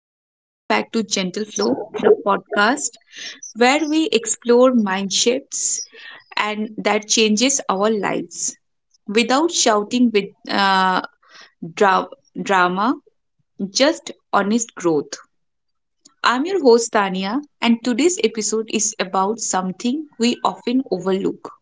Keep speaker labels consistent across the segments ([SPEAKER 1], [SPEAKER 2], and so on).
[SPEAKER 1] welcome back to Gentle Flow, the podcast where we explore mind shifts and that changes our lives without shouting with dra- drama, just honest growth. I'm your host Tania, and today's episode is about something we often overlook: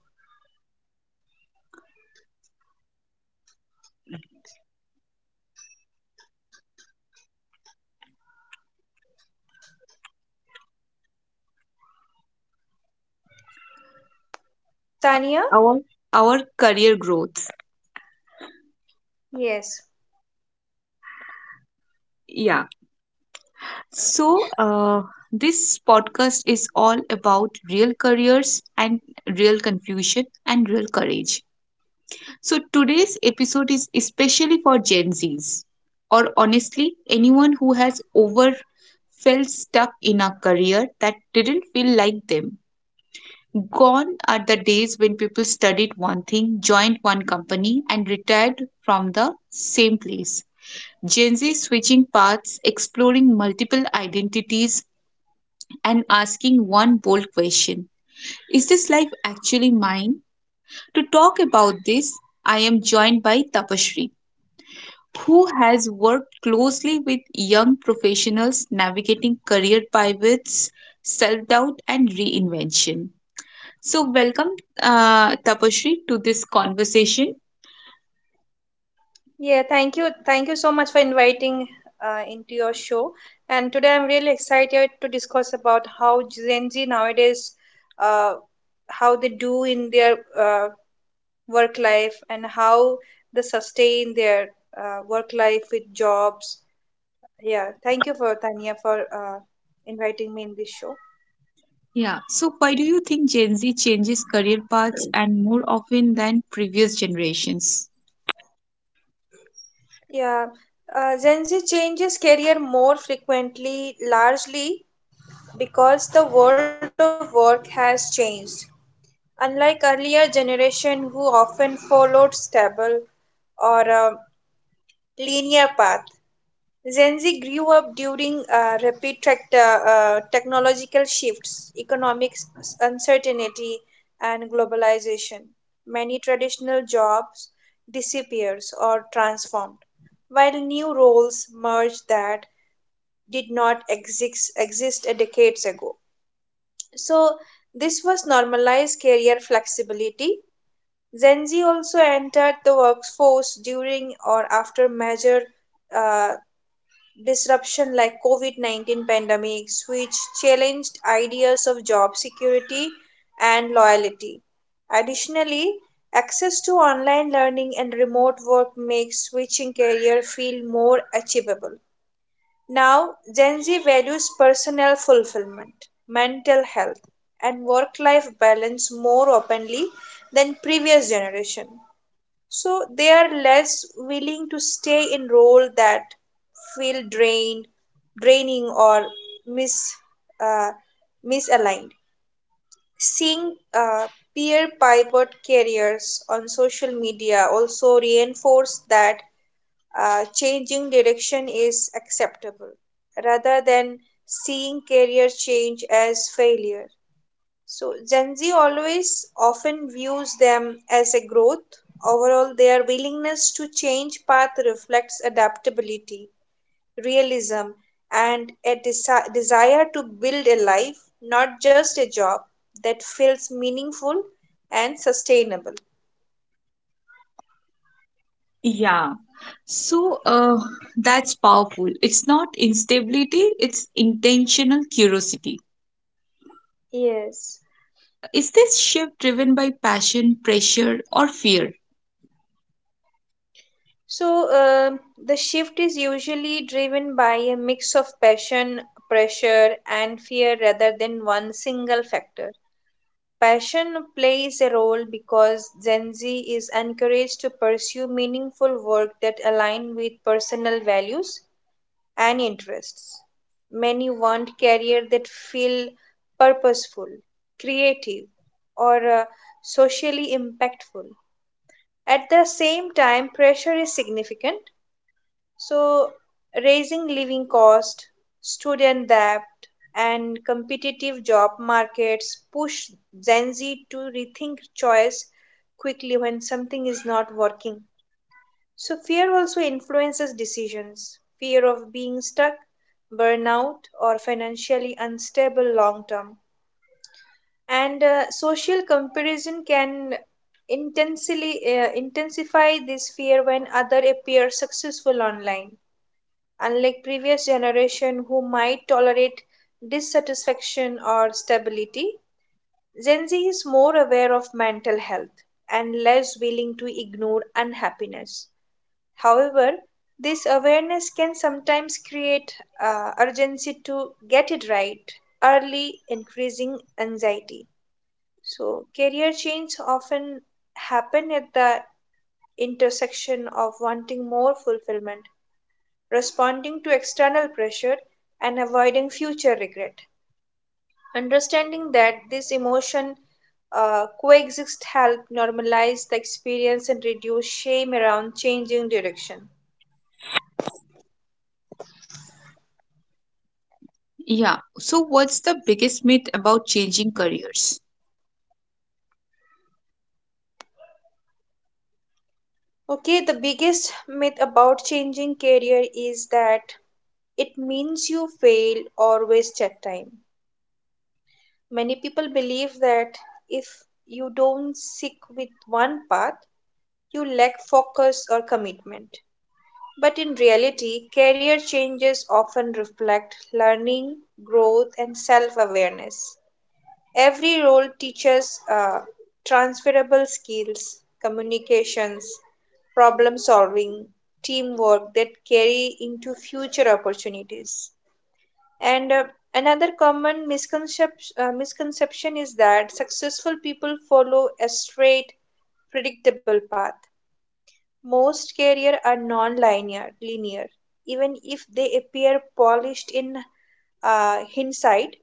[SPEAKER 2] Tania?
[SPEAKER 1] our our career growth.
[SPEAKER 2] Yes.
[SPEAKER 1] Yeah. So, this podcast is all about real careers and real confusion and real courage. So, today's episode is especially for Gen Zs or honestly, anyone who has over felt stuck in a career that didn't feel like them. Gone are the days when people studied one thing, joined one company, and retired from the same place. Gen Z switching paths, exploring multiple identities, and asking one bold question: is this life actually mine? To talk about this, I am joined by Tapashri, who has worked closely with young professionals navigating career pivots, self doubt, and reinvention. So, welcome, Tapashri, to this conversation.
[SPEAKER 2] Yeah, thank you. Thank you so much for inviting into your show. And today I'm really excited to discuss about how Gen Z nowadays, uh, how they do in their work life and how they sustain their work life with jobs. Yeah, thank you for Tania for inviting me in this show.
[SPEAKER 1] Yeah, so why do you think Gen Z changes career paths and more often than previous generations?
[SPEAKER 2] Yeah, Gen Z changes career more frequently, largely because the world of work has changed. Unlike earlier generation who often followed stable or linear path, Gen Z grew up during rapid technological shifts, economic uncertainty, and globalization. Many traditional jobs disappears or transformed, while new roles merge that did not exist a decades ago. So, this was normalized career flexibility. Gen Z also entered the workforce during or after major uh, disruption like COVID-19 pandemics, which challenged ideas of job security and loyalty. Additionally, access to online learning and remote work makes switching career feel more achievable. Now, Gen Z values personal fulfillment, mental health, and work life balance more openly than previous generation. So they are less willing to stay in role that feel draining or mis uh, misaligned. Seeing peer pivot careers on social media also reinforce that changing direction is acceptable rather than seeing career change as failure. So, Gen Z always often views them as a growth. Overall, their willingness to change path reflects adaptability, realism, and a desire to build a life, not just a job, that feels meaningful and sustainable.
[SPEAKER 1] Yeah. So, that's powerful. It's not instability, it's intentional curiosity.
[SPEAKER 2] Yes.
[SPEAKER 1] Is this shift driven by passion, pressure, or fear?
[SPEAKER 2] So, the shift is usually driven by a mix of passion, pressure, and fear rather than one single factor. Passion plays a role because Gen Z is encouraged to pursue meaningful work that align with personal values and interests. Many want career that feel purposeful, creative, or socially impactful. At the same time, pressure is significant, so raising living cost, student debt, and competitive job markets push Gen Z to rethink choice quickly when something is not working. So, fear also influences decisions. Fear of being stuck, burnout, or financially unstable long term. And social comparison can intensely intensify this fear when other appear successful online. Unlike previous generation who might tolerate dissatisfaction or stability, Gen Z is more aware of mental health and less willing to ignore unhappiness. However, this awareness can sometimes create urgency to get it right early, increasing anxiety. So career change often happen at the intersection of wanting more fulfillment, responding to external pressure, and avoiding future regret. Understanding that this emotion coexist help normalize the experience and reduce shame around changing direction.
[SPEAKER 1] Yeah. So, what's the biggest myth about changing careers?
[SPEAKER 2] Okay, the biggest myth about changing career is that it means you fail or waste your time. Many people believe that if you don't stick with one path, you lack focus or commitment. But in reality, career changes often reflect learning, growth, and self awareness. Every role teaches transferable skills, communications, problem solving, teamwork that carry into future opportunities. And another common misconception is that successful people follow a straight, predictable path. Most careers are non-linear, linear. Even if they appear polished in hindsight,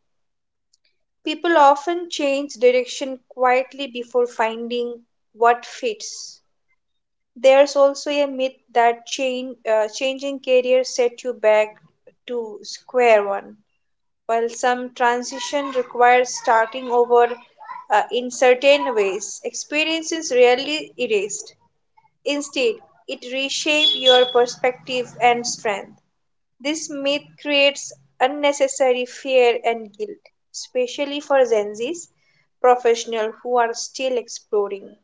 [SPEAKER 2] people often change direction quietly before finding what fits. There's also a myth that changing career set you back to square one. While some transition requires starting over in certain ways, experience is rarely erased. Instead, it reshapes your perspective and strength. This myth creates unnecessary fear and guilt, especially for Gen Zs, professionals who are still exploring.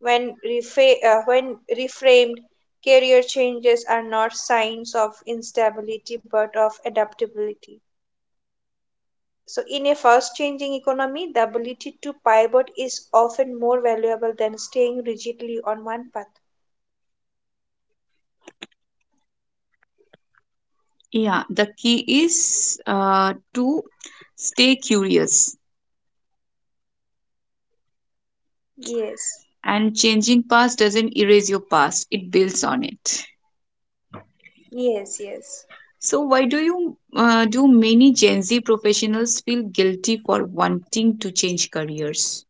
[SPEAKER 2] When reframed, career changes are not signs of instability but of adaptability. So, in a fast changing economy, the ability to pivot is often more valuable than staying rigidly on one path.
[SPEAKER 1] Yeah. The key is to stay curious,
[SPEAKER 2] Yes,
[SPEAKER 1] and changing past doesn't erase your past, it builds on it.
[SPEAKER 2] yes, yes.
[SPEAKER 1] So, why do you do many Gen Z professionals feel guilty for wanting to change careers?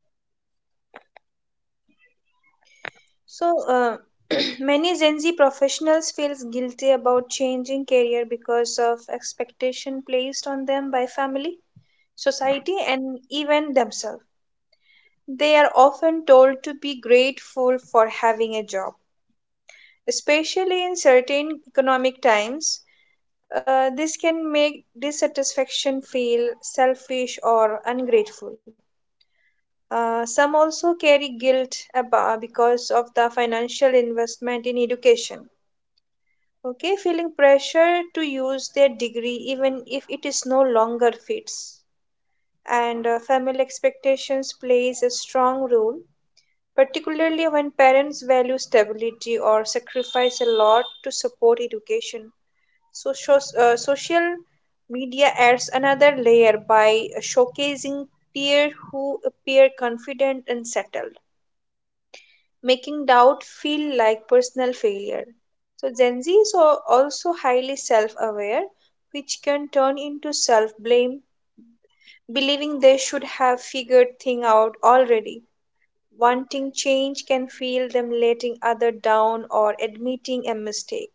[SPEAKER 2] So, many Gen Z professionals feels guilty about changing career because of expectation placed on them by family, society, and even themselves. They are often told to be grateful for having a job, especially in certain economic times. This can make dissatisfaction feel selfish or ungrateful. Some also carry guilt because of the financial investment in education. Okay, feeling pressure to use their degree even if it is no longer fits. And family expectations plays a strong role, particularly when parents value stability or sacrifice a lot to support education. So social media adds another layer by showcasing peer who appear confident and settled, making doubt feel like personal failure. So, Gen Z is also highly self aware, which can turn into self blame, believing they should have figured thing out already. Wanting change can feel them letting other down or admitting a mistake.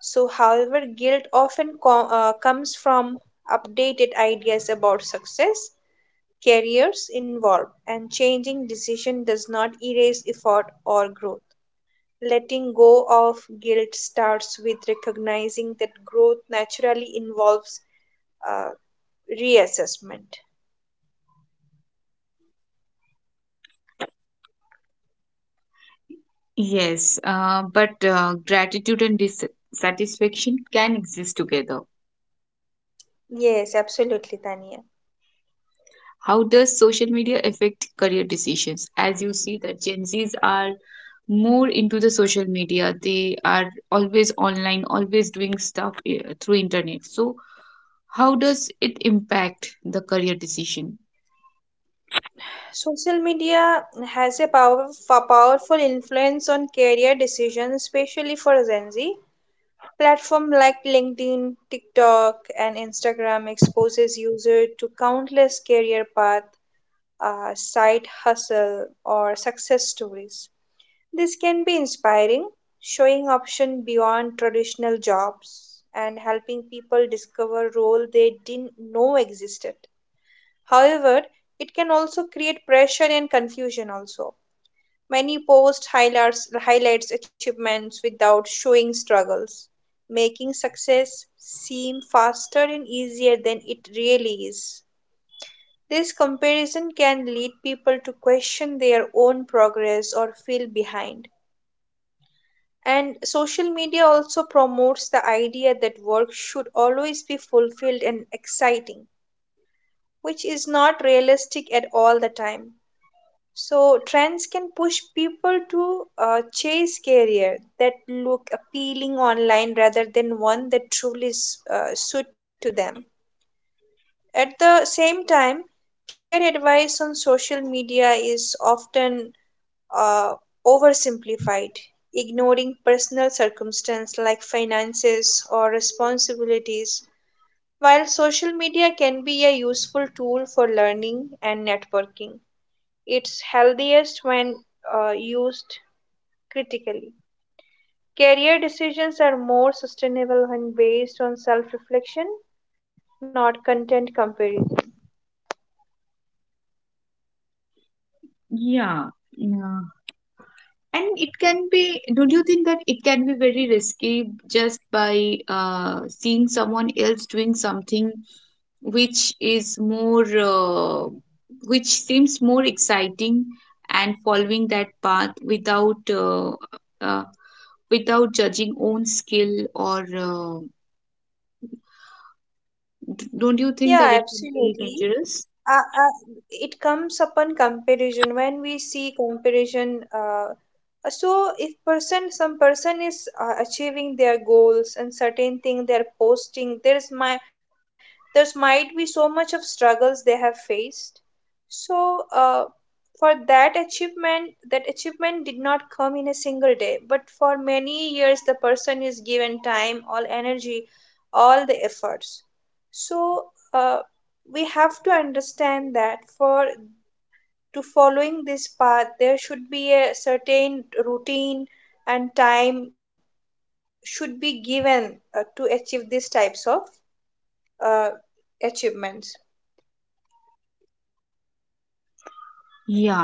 [SPEAKER 2] So, however, guilt often comes from updated ideas about success, careers involved, and changing decision does not erase effort or growth. Letting go of guilt starts with recognizing that growth naturally involves uh, reassessment.
[SPEAKER 1] Yes, but gratitude and dissatisfaction can exist together.
[SPEAKER 2] Yes, absolutely, Tania.
[SPEAKER 1] How does social media affect career decisions? As you see that Gen Zs are more into the social media. They are always online, always doing stuff through internet. So how does it impact the career decision?
[SPEAKER 2] Social media has a powerful influence on career decisions, especially for Gen Z. Platform like LinkedIn, TikTok, and Instagram exposes user to countless career path, side hustle, or success stories. This can be inspiring, showing options beyond traditional jobs and helping people discover roles they didn't know existed. However, it can also create pressure and confusion also. Many posts highlights achievements without showing struggles, making success seem faster and easier than it really is. This comparison can lead people to question their own progress or feel behind. And social media also promotes the idea that work should always be fulfilled and exciting, which is not realistic at all the time. So, trends can push people to chase career that look appealing online rather than one that truly suit to them. At the same time, career advice on social media is often uh, oversimplified, ignoring personal circumstances like finances or responsibilities, while social media can be a useful tool for learning and networking. It's healthiest when used critically. Career decisions are more sustainable when based on self reflection, not content comparison.
[SPEAKER 1] Yeah. Yeah. And it can be, don't you think that it can be very risky just by seeing someone else doing something which is more uh, which seems more exciting and following that path without uh, without judging own skill or uh, don't you think that
[SPEAKER 2] Yeah,
[SPEAKER 1] it can be
[SPEAKER 2] absolutely.
[SPEAKER 1] dangerous?
[SPEAKER 2] uh, uh, it comes upon comparison when we see comparison so if person some person is achieving their goals and certain thing they're posting, there's might be so much of struggles they have faced. So, for that achievement did not come in a single day, but for many years, the person is given time, all energy, all the efforts. So, we have to understand that for to following this path, there should be a certain routine and time should be given to achieve these types of uh, achievements.
[SPEAKER 1] Yeah.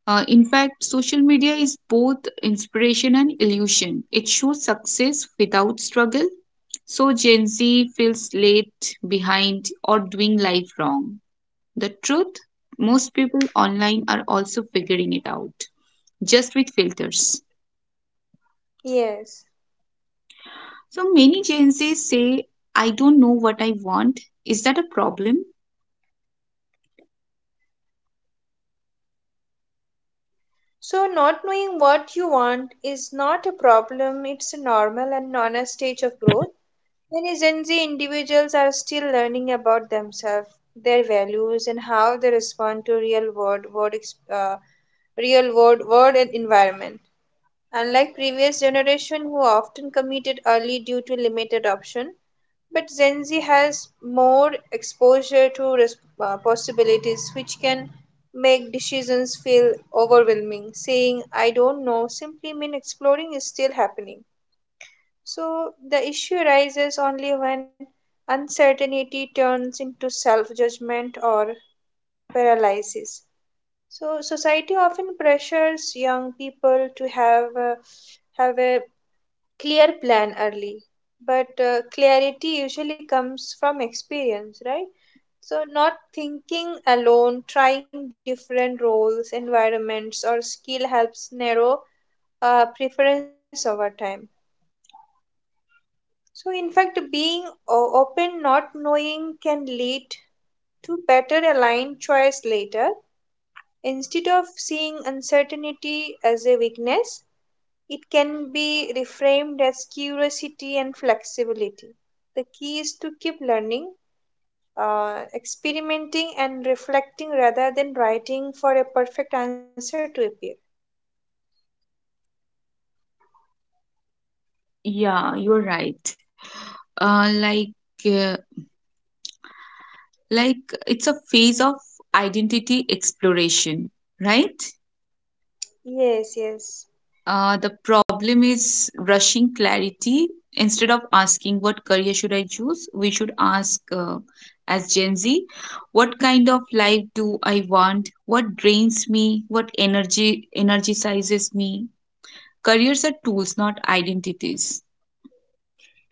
[SPEAKER 1] In fact, social media is both inspiration and illusion. It shows success without struggle, so Gen Z feels late, behind, or doing life wrong. The truth, most people online are also figuring it out, just with filters.
[SPEAKER 2] Yes.
[SPEAKER 1] So many Gen Zs say, I don't know what I want. Is that a problem?
[SPEAKER 2] So, not knowing what you want is not a problem, it's a normal and honest stage of growth. Many Gen Z individuals are still learning about themselves, their values, and how they respond to real world, world and environment. Unlike previous generation who often committed early due to limited option, but Gen Z has more exposure to possibilities, which can make decisions feel overwhelming. Saying, I don't know, simply mean exploring is still happening. So the issue arises only when uncertainty turns into self judgment or paralysis. So society often pressures young people to have a clear plan early, but clarity usually comes from experience, right? So not thinking alone, trying different roles, environments or skill helps narrow preference over time. So in fact, being open, not knowing can lead to better aligned choice later instead of seeing uncertainty as a weakness. It can be reframed as curiosity and flexibility. The key is to keep learning, experimenting, and reflecting rather than writing for a perfect answer to appear.
[SPEAKER 1] Yeah, you're right. Uh, like, uh, like it's a phase of identity exploration, right?
[SPEAKER 2] Yes, yes.
[SPEAKER 1] The problem is rushing clarity. Instead of asking what career should I choose, we should ask, as Gen Z, what kind of life do I want? What drains me? What energy energizes me? Careers are tools, not identities.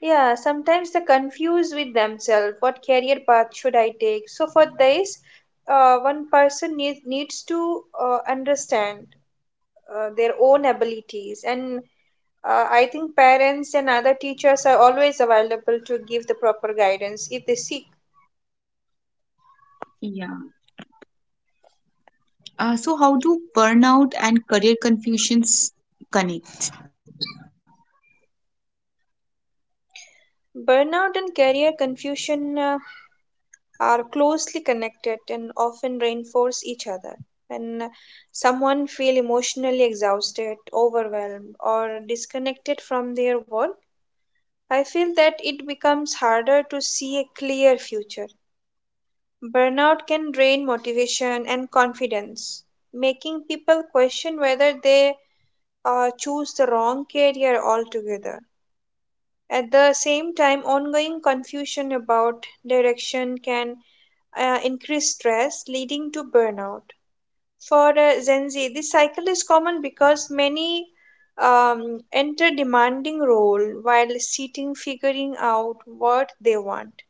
[SPEAKER 2] Yeah, sometimes they confuse with themselves what career path should I take. So for this, one person needs to understand their own abilities. And I think parents and other teachers are always available to give the proper guidance if they seek.
[SPEAKER 1] Yeah. So how do burnout and career confusions connect?
[SPEAKER 2] Burnout and career confusion are closely connected and often reinforce each other. When someone feels emotionally exhausted, overwhelmed, or disconnected from their work, I feel that it becomes harder to see a clear future. Burnout can drain motivation and confidence, making people question whether they choose the wrong career altogether. At the same time, ongoing confusion about direction can increase stress, leading to burnout. For Gen Z, this cycle is common because many enter demanding role while sitting figuring out what they want.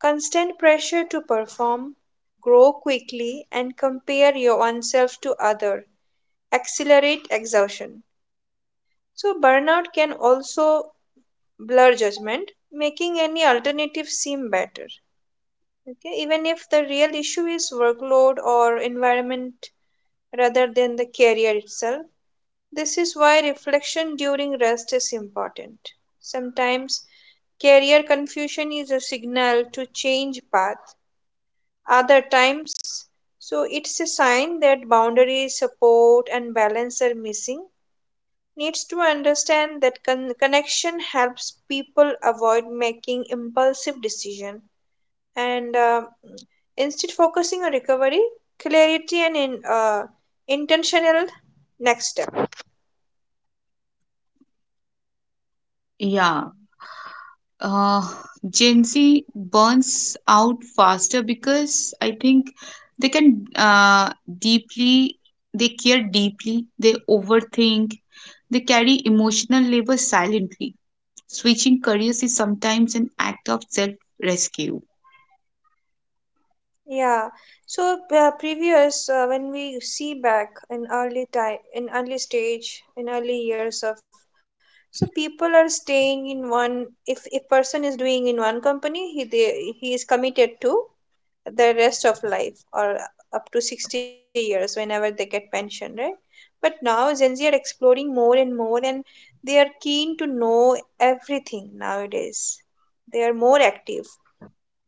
[SPEAKER 2] Constant pressure to perform, grow quickly, and compare your own self to other accelerate exhaustion. So burnout can also blur judgment, making any alternative seem better. Okay, even if the real issue is workload or environment rather than the career itself. This is why reflection during rest is important. Sometimes career confusion is a signal to change path. Other times, so it's a sign that boundaries, support, and balance are missing. Needs to understand that connection helps people avoid making impulsive decision and instead focusing on recovery, clarity, and intentional next step.
[SPEAKER 1] Yeah. Uh, Gen Z burns out faster because I think they can deeply, they care deeply, they overthink, they carry emotional labor silently. Switching careers is sometimes an act of self rescue.
[SPEAKER 2] yeah Previous, when we see back in early time, in early stage, in early years of, so people are staying in one, if a person is doing in one company, he is committed to the rest of life, or up to 60 years whenever they get pension, right? But now Gen Z are exploring more and more, and they are keen to know everything nowadays. They are more active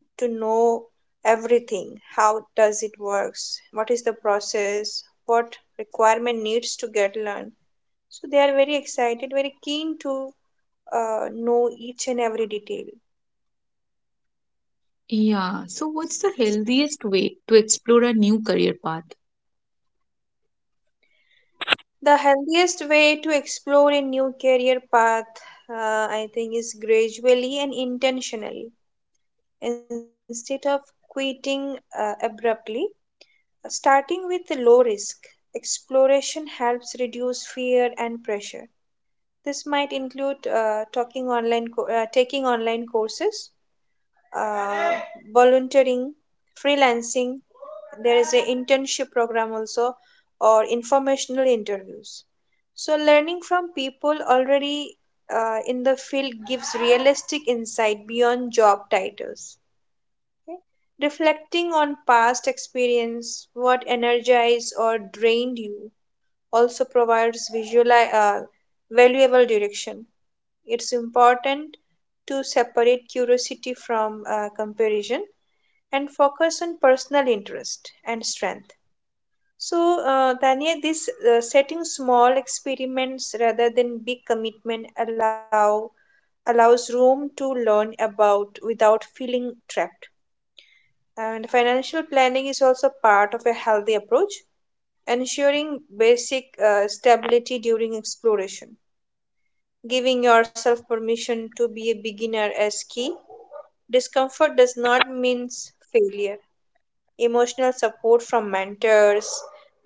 [SPEAKER 2] to know everything: how does it works, what is the process, what requirement needs to get learned. So they are very excited, very keen to know each and every detail.
[SPEAKER 1] Yeah, so what's the healthiest way to explore a new career path?
[SPEAKER 2] The healthiest way to explore a new career path, uh, I think, is gradually and intentionally. Instead of quitting abruptly, starting with a low risk exploration helps reduce fear and pressure. This might include taking online courses, uh, volunteering, freelancing. There is an internship program also, or informational interviews. So, learning from people already in the field gives realistic insight beyond job titles. Reflecting on past experience, what energized or drained you, also provides valuable direction. It's important to separate curiosity from comparison and focus on personal interest and strength. So, Tanya, this setting small experiments rather than big commitment allows room to learn about without feeling trapped. And financial planning is also part of a healthy approach, ensuring basic stability during exploration. Giving yourself permission to be a beginner is key. Discomfort does not mean failure. Emotional support from mentors,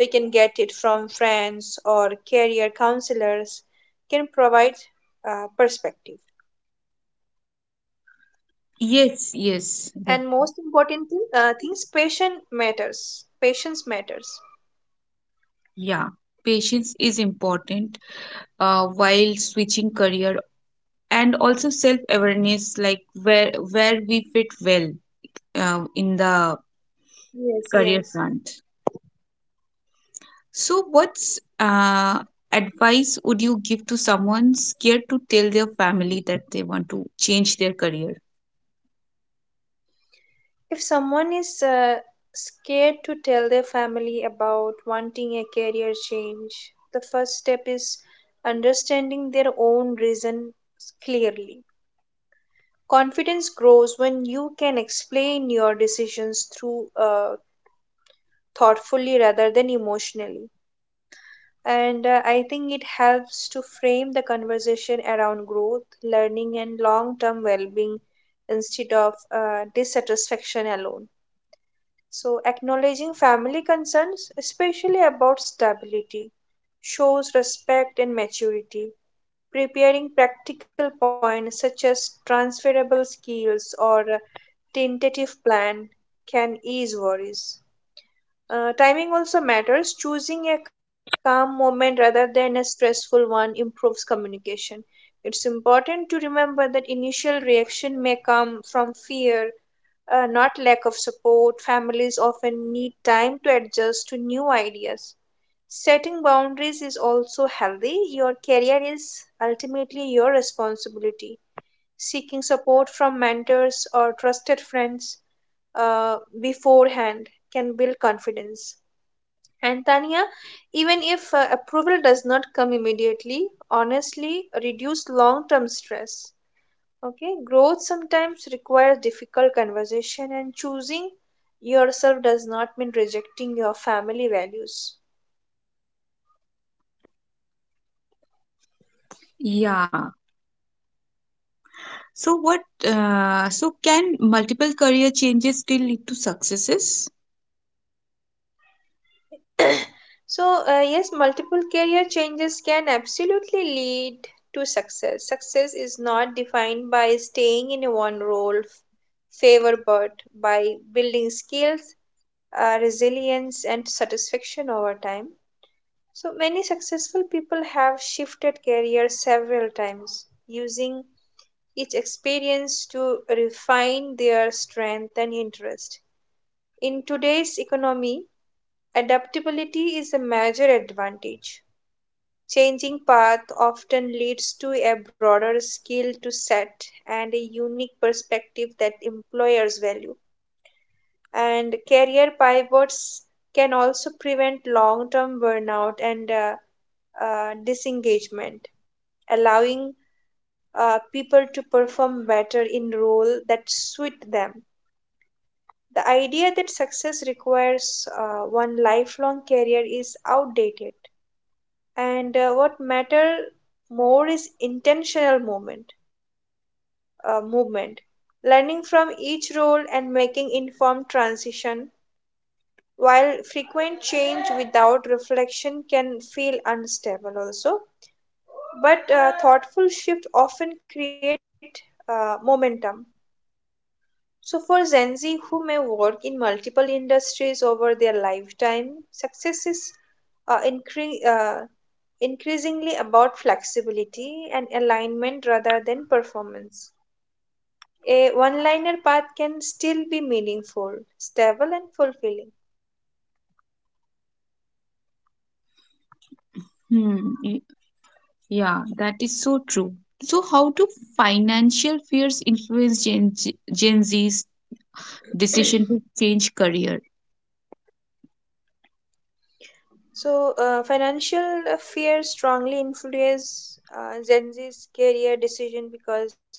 [SPEAKER 2] we can get it from friends or career counselors, can provide perspective.
[SPEAKER 1] Yes, yes, that-
[SPEAKER 2] And most important things, patience matters. Patience matters.
[SPEAKER 1] yeah. Patience is important. While switching career, and also self awareness like where we fit well in the
[SPEAKER 2] Yes,
[SPEAKER 1] career
[SPEAKER 2] yes.
[SPEAKER 1] front. So what's advice would you give to someone scared to tell their family that they want to change their career?
[SPEAKER 2] If someone is scared to tell their family about wanting a career change, the first step is understanding their own reason clearly. Confidence grows when you can explain your decisions through thoughtfully rather than emotionally. And I think it helps to frame the conversation around growth, learning, and long term well being instead of dissatisfaction alone. So, acknowledging family concerns, especially about stability, shows respect and maturity. Preparing practical points such as transferable skills or tentative plan can ease worries. Timing also matters. Choosing a calm moment rather than a stressful one improves communication. It's important to remember that initial reaction may come from fear, not lack of support. Families often need time to adjust to new ideas. Setting boundaries is also healthy. Your career is ultimately your responsibility. Seeking support from mentors or trusted friends beforehand can build confidence. And Tanya, even if approval does not come immediately, honestly, reduce long term stress. Okay, growth sometimes requires difficult conversation, and choosing yourself does not mean rejecting your family values.
[SPEAKER 1] Yeah. So what uh, so can multiple career changes still lead to successes?
[SPEAKER 2] So, yes, multiple career changes can absolutely lead to success. Success is not defined by staying in one role, favor, but by building skills, resilience, and satisfaction over time. So, many successful people have shifted careers several times, using each experience to refine their strength and interest. In today's economy, adaptability is a major advantage. Changing path often leads to a broader skill to set and a unique perspective that employers value. And career pivots can also prevent long term burnout and disengagement, allowing people to perform better in role that suit them. The idea that success requires one lifelong career is outdated, and what matter more is intentional movement, learning from each role and making informed transition. While frequent change without reflection can feel unstable, also, but thoughtful shift often create momentum. So, for Gen Z who may work in multiple industries over their lifetime, success is uh, incre- uh, increasingly about flexibility and alignment rather than performance. A one liner path can still be meaningful, stable, and fulfilling.
[SPEAKER 1] Hmm. Y- yeah, that is so true. So how do financial fears influence Gen Z's decision to change career?
[SPEAKER 2] So, financial fear strongly influences Gen Z's career decision because uh,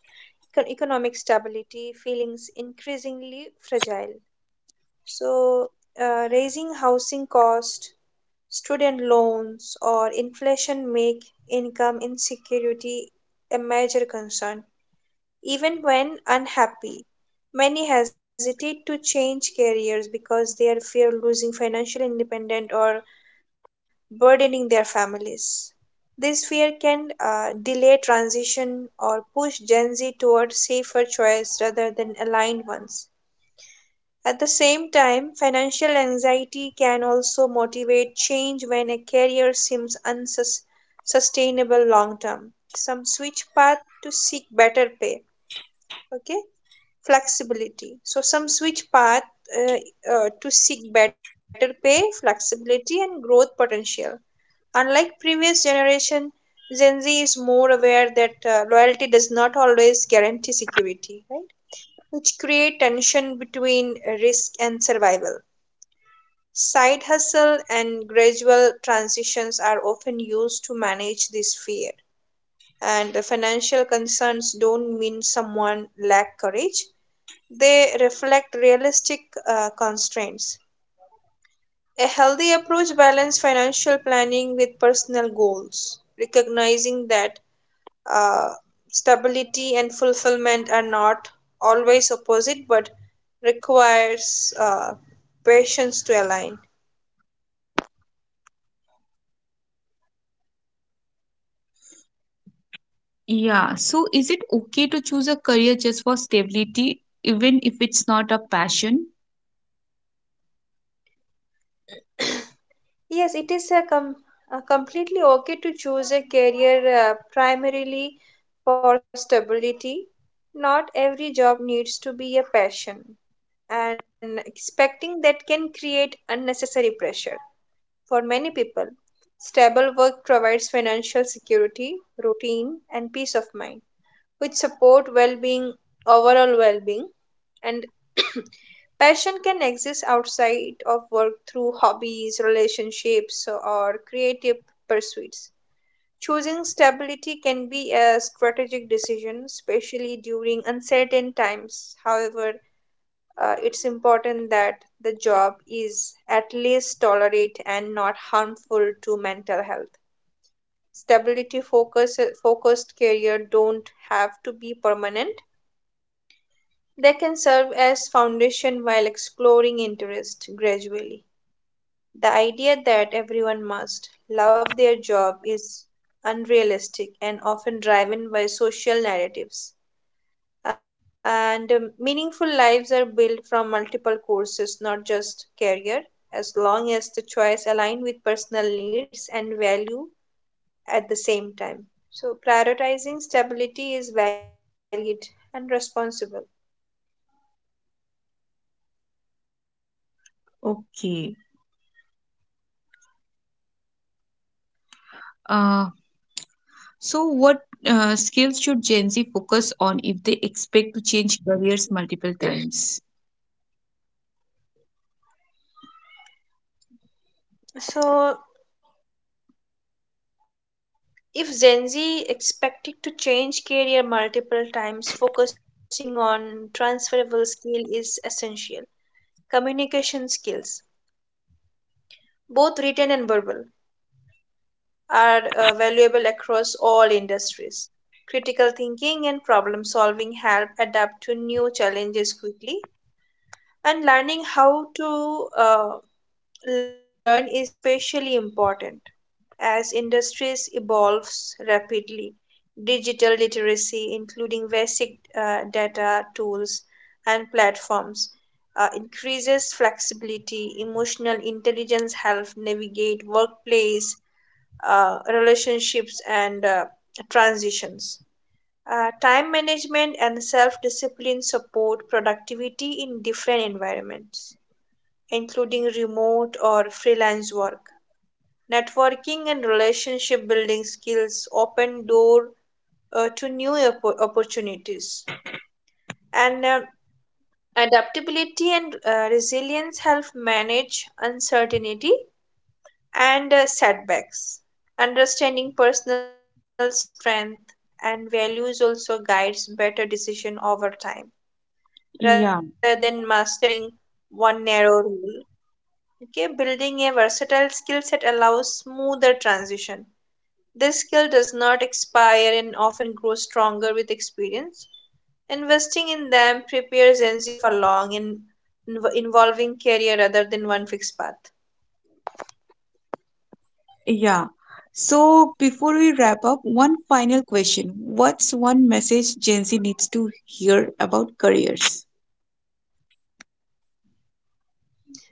[SPEAKER 2] econ- economic stability feelings increasingly fragile. So, raising housing cost, student loans, or inflation make income insecurity a major concern even when unhappy. Many hesitate to change careers because they fear losing financial independence or burdening their families. This fear can delay transition or push Gen Z toward safer choices rather than aligned ones. At the same time, financial anxiety can also motivate change when a career seems unsustainable long term. Some switch path to seek better pay. Okay, flexibility. So some switch path to seek better pay, flexibility, and growth potential. Unlike previous generation, Gen Z is more aware that loyalty does not always guarantee security, right? Which create tension between risk and survival. Side hustle and gradual transitions are often used to manage this fear. And the financial concerns don't mean someone lack courage, they reflect realistic constraints. A healthy approach balances financial planning with personal goals, recognizing that uh, stability and fulfillment are not always opposite but requires patience to align.
[SPEAKER 1] Yeah, so is it okay to choose a career just for stability, even if it's not a passion?
[SPEAKER 2] Yes, it is a completely okay to choose a career primarily for stability. Not every job needs to be a passion, and expecting that can create unnecessary pressure. For many people, stable work provides financial security, routine, and peace of mind, which support overall well-being, and passion can exist outside of work through hobbies, relationships, or creative pursuits. Choosing stability can be a strategic decision, especially during uncertain times. However, it's important that the job is at least tolerate and not harmful to mental health. Focused career don't have to be permanent. They can serve as foundation while exploring interest gradually. The idea that everyone must love their job is unrealistic and often driven by social narratives. And meaningful lives are built from multiple courses, not just career, as long as the choice align with personal needs and value. At the same time, so prioritizing stability is valid and responsible.
[SPEAKER 1] Okay. Uh, so what skills should Gen Z focus on if they expect to change careers multiple times?
[SPEAKER 2] So if Gen Z expected to change career multiple times, focusing on transferable skill is essential. Communication skills, both written and verbal, are valuable across all industries. Critical thinking and problem solving help adapt to new challenges quickly, and learning how to learn is especially important as industries evolves rapidly. Digital literacy, including basic data tools and platforms, increases flexibility. Emotional intelligence helps navigate workplace relationships and transitions. Time management and self-discipline support productivity in different environments, including remote or freelance work. Networking and relationship building skills open door to new opportunities. And adaptability and resilience help manage uncertainty and setbacks. Understanding personal strength and values also guides better decision over time
[SPEAKER 1] Yeah,
[SPEAKER 2] rather than mastering one narrow rule. Okay, building a versatile skill set allows smoother transition. This skill does not expire and often grows stronger with experience. Investing in them prepares Gen Z for long and involving career rather than one fixed path.
[SPEAKER 1] yeah. So before we wrap up, one final question. What's one message Gen Z needs to hear about careers?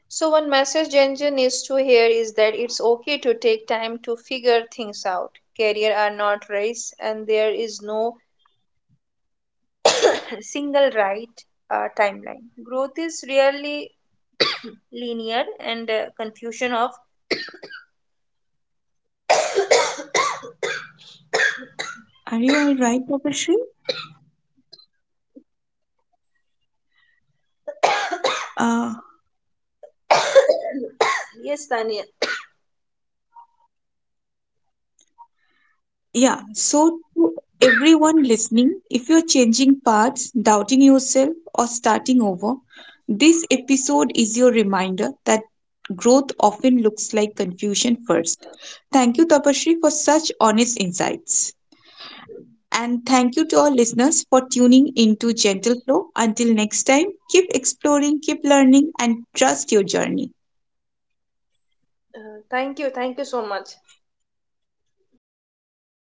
[SPEAKER 2] So, one message Ginger needs to hear is that it's okay to take time to figure things out. Career are not race, and there is no single right timeline. Growth is rarely linear, and confusion of
[SPEAKER 1] Are you all right, Tapasree? Uh,
[SPEAKER 2] yes, Tanya.
[SPEAKER 1] Yeah, so to everyone listening, if you're changing paths, doubting yourself, or starting over, this episode is your reminder that growth often looks like confusion first. Thank you, Tapashri, for such honest insights. And thank you to our listeners for tuning into Gentle Flow. Until next time, keep exploring, keep learning, and trust your journey.
[SPEAKER 2] Thank you so much.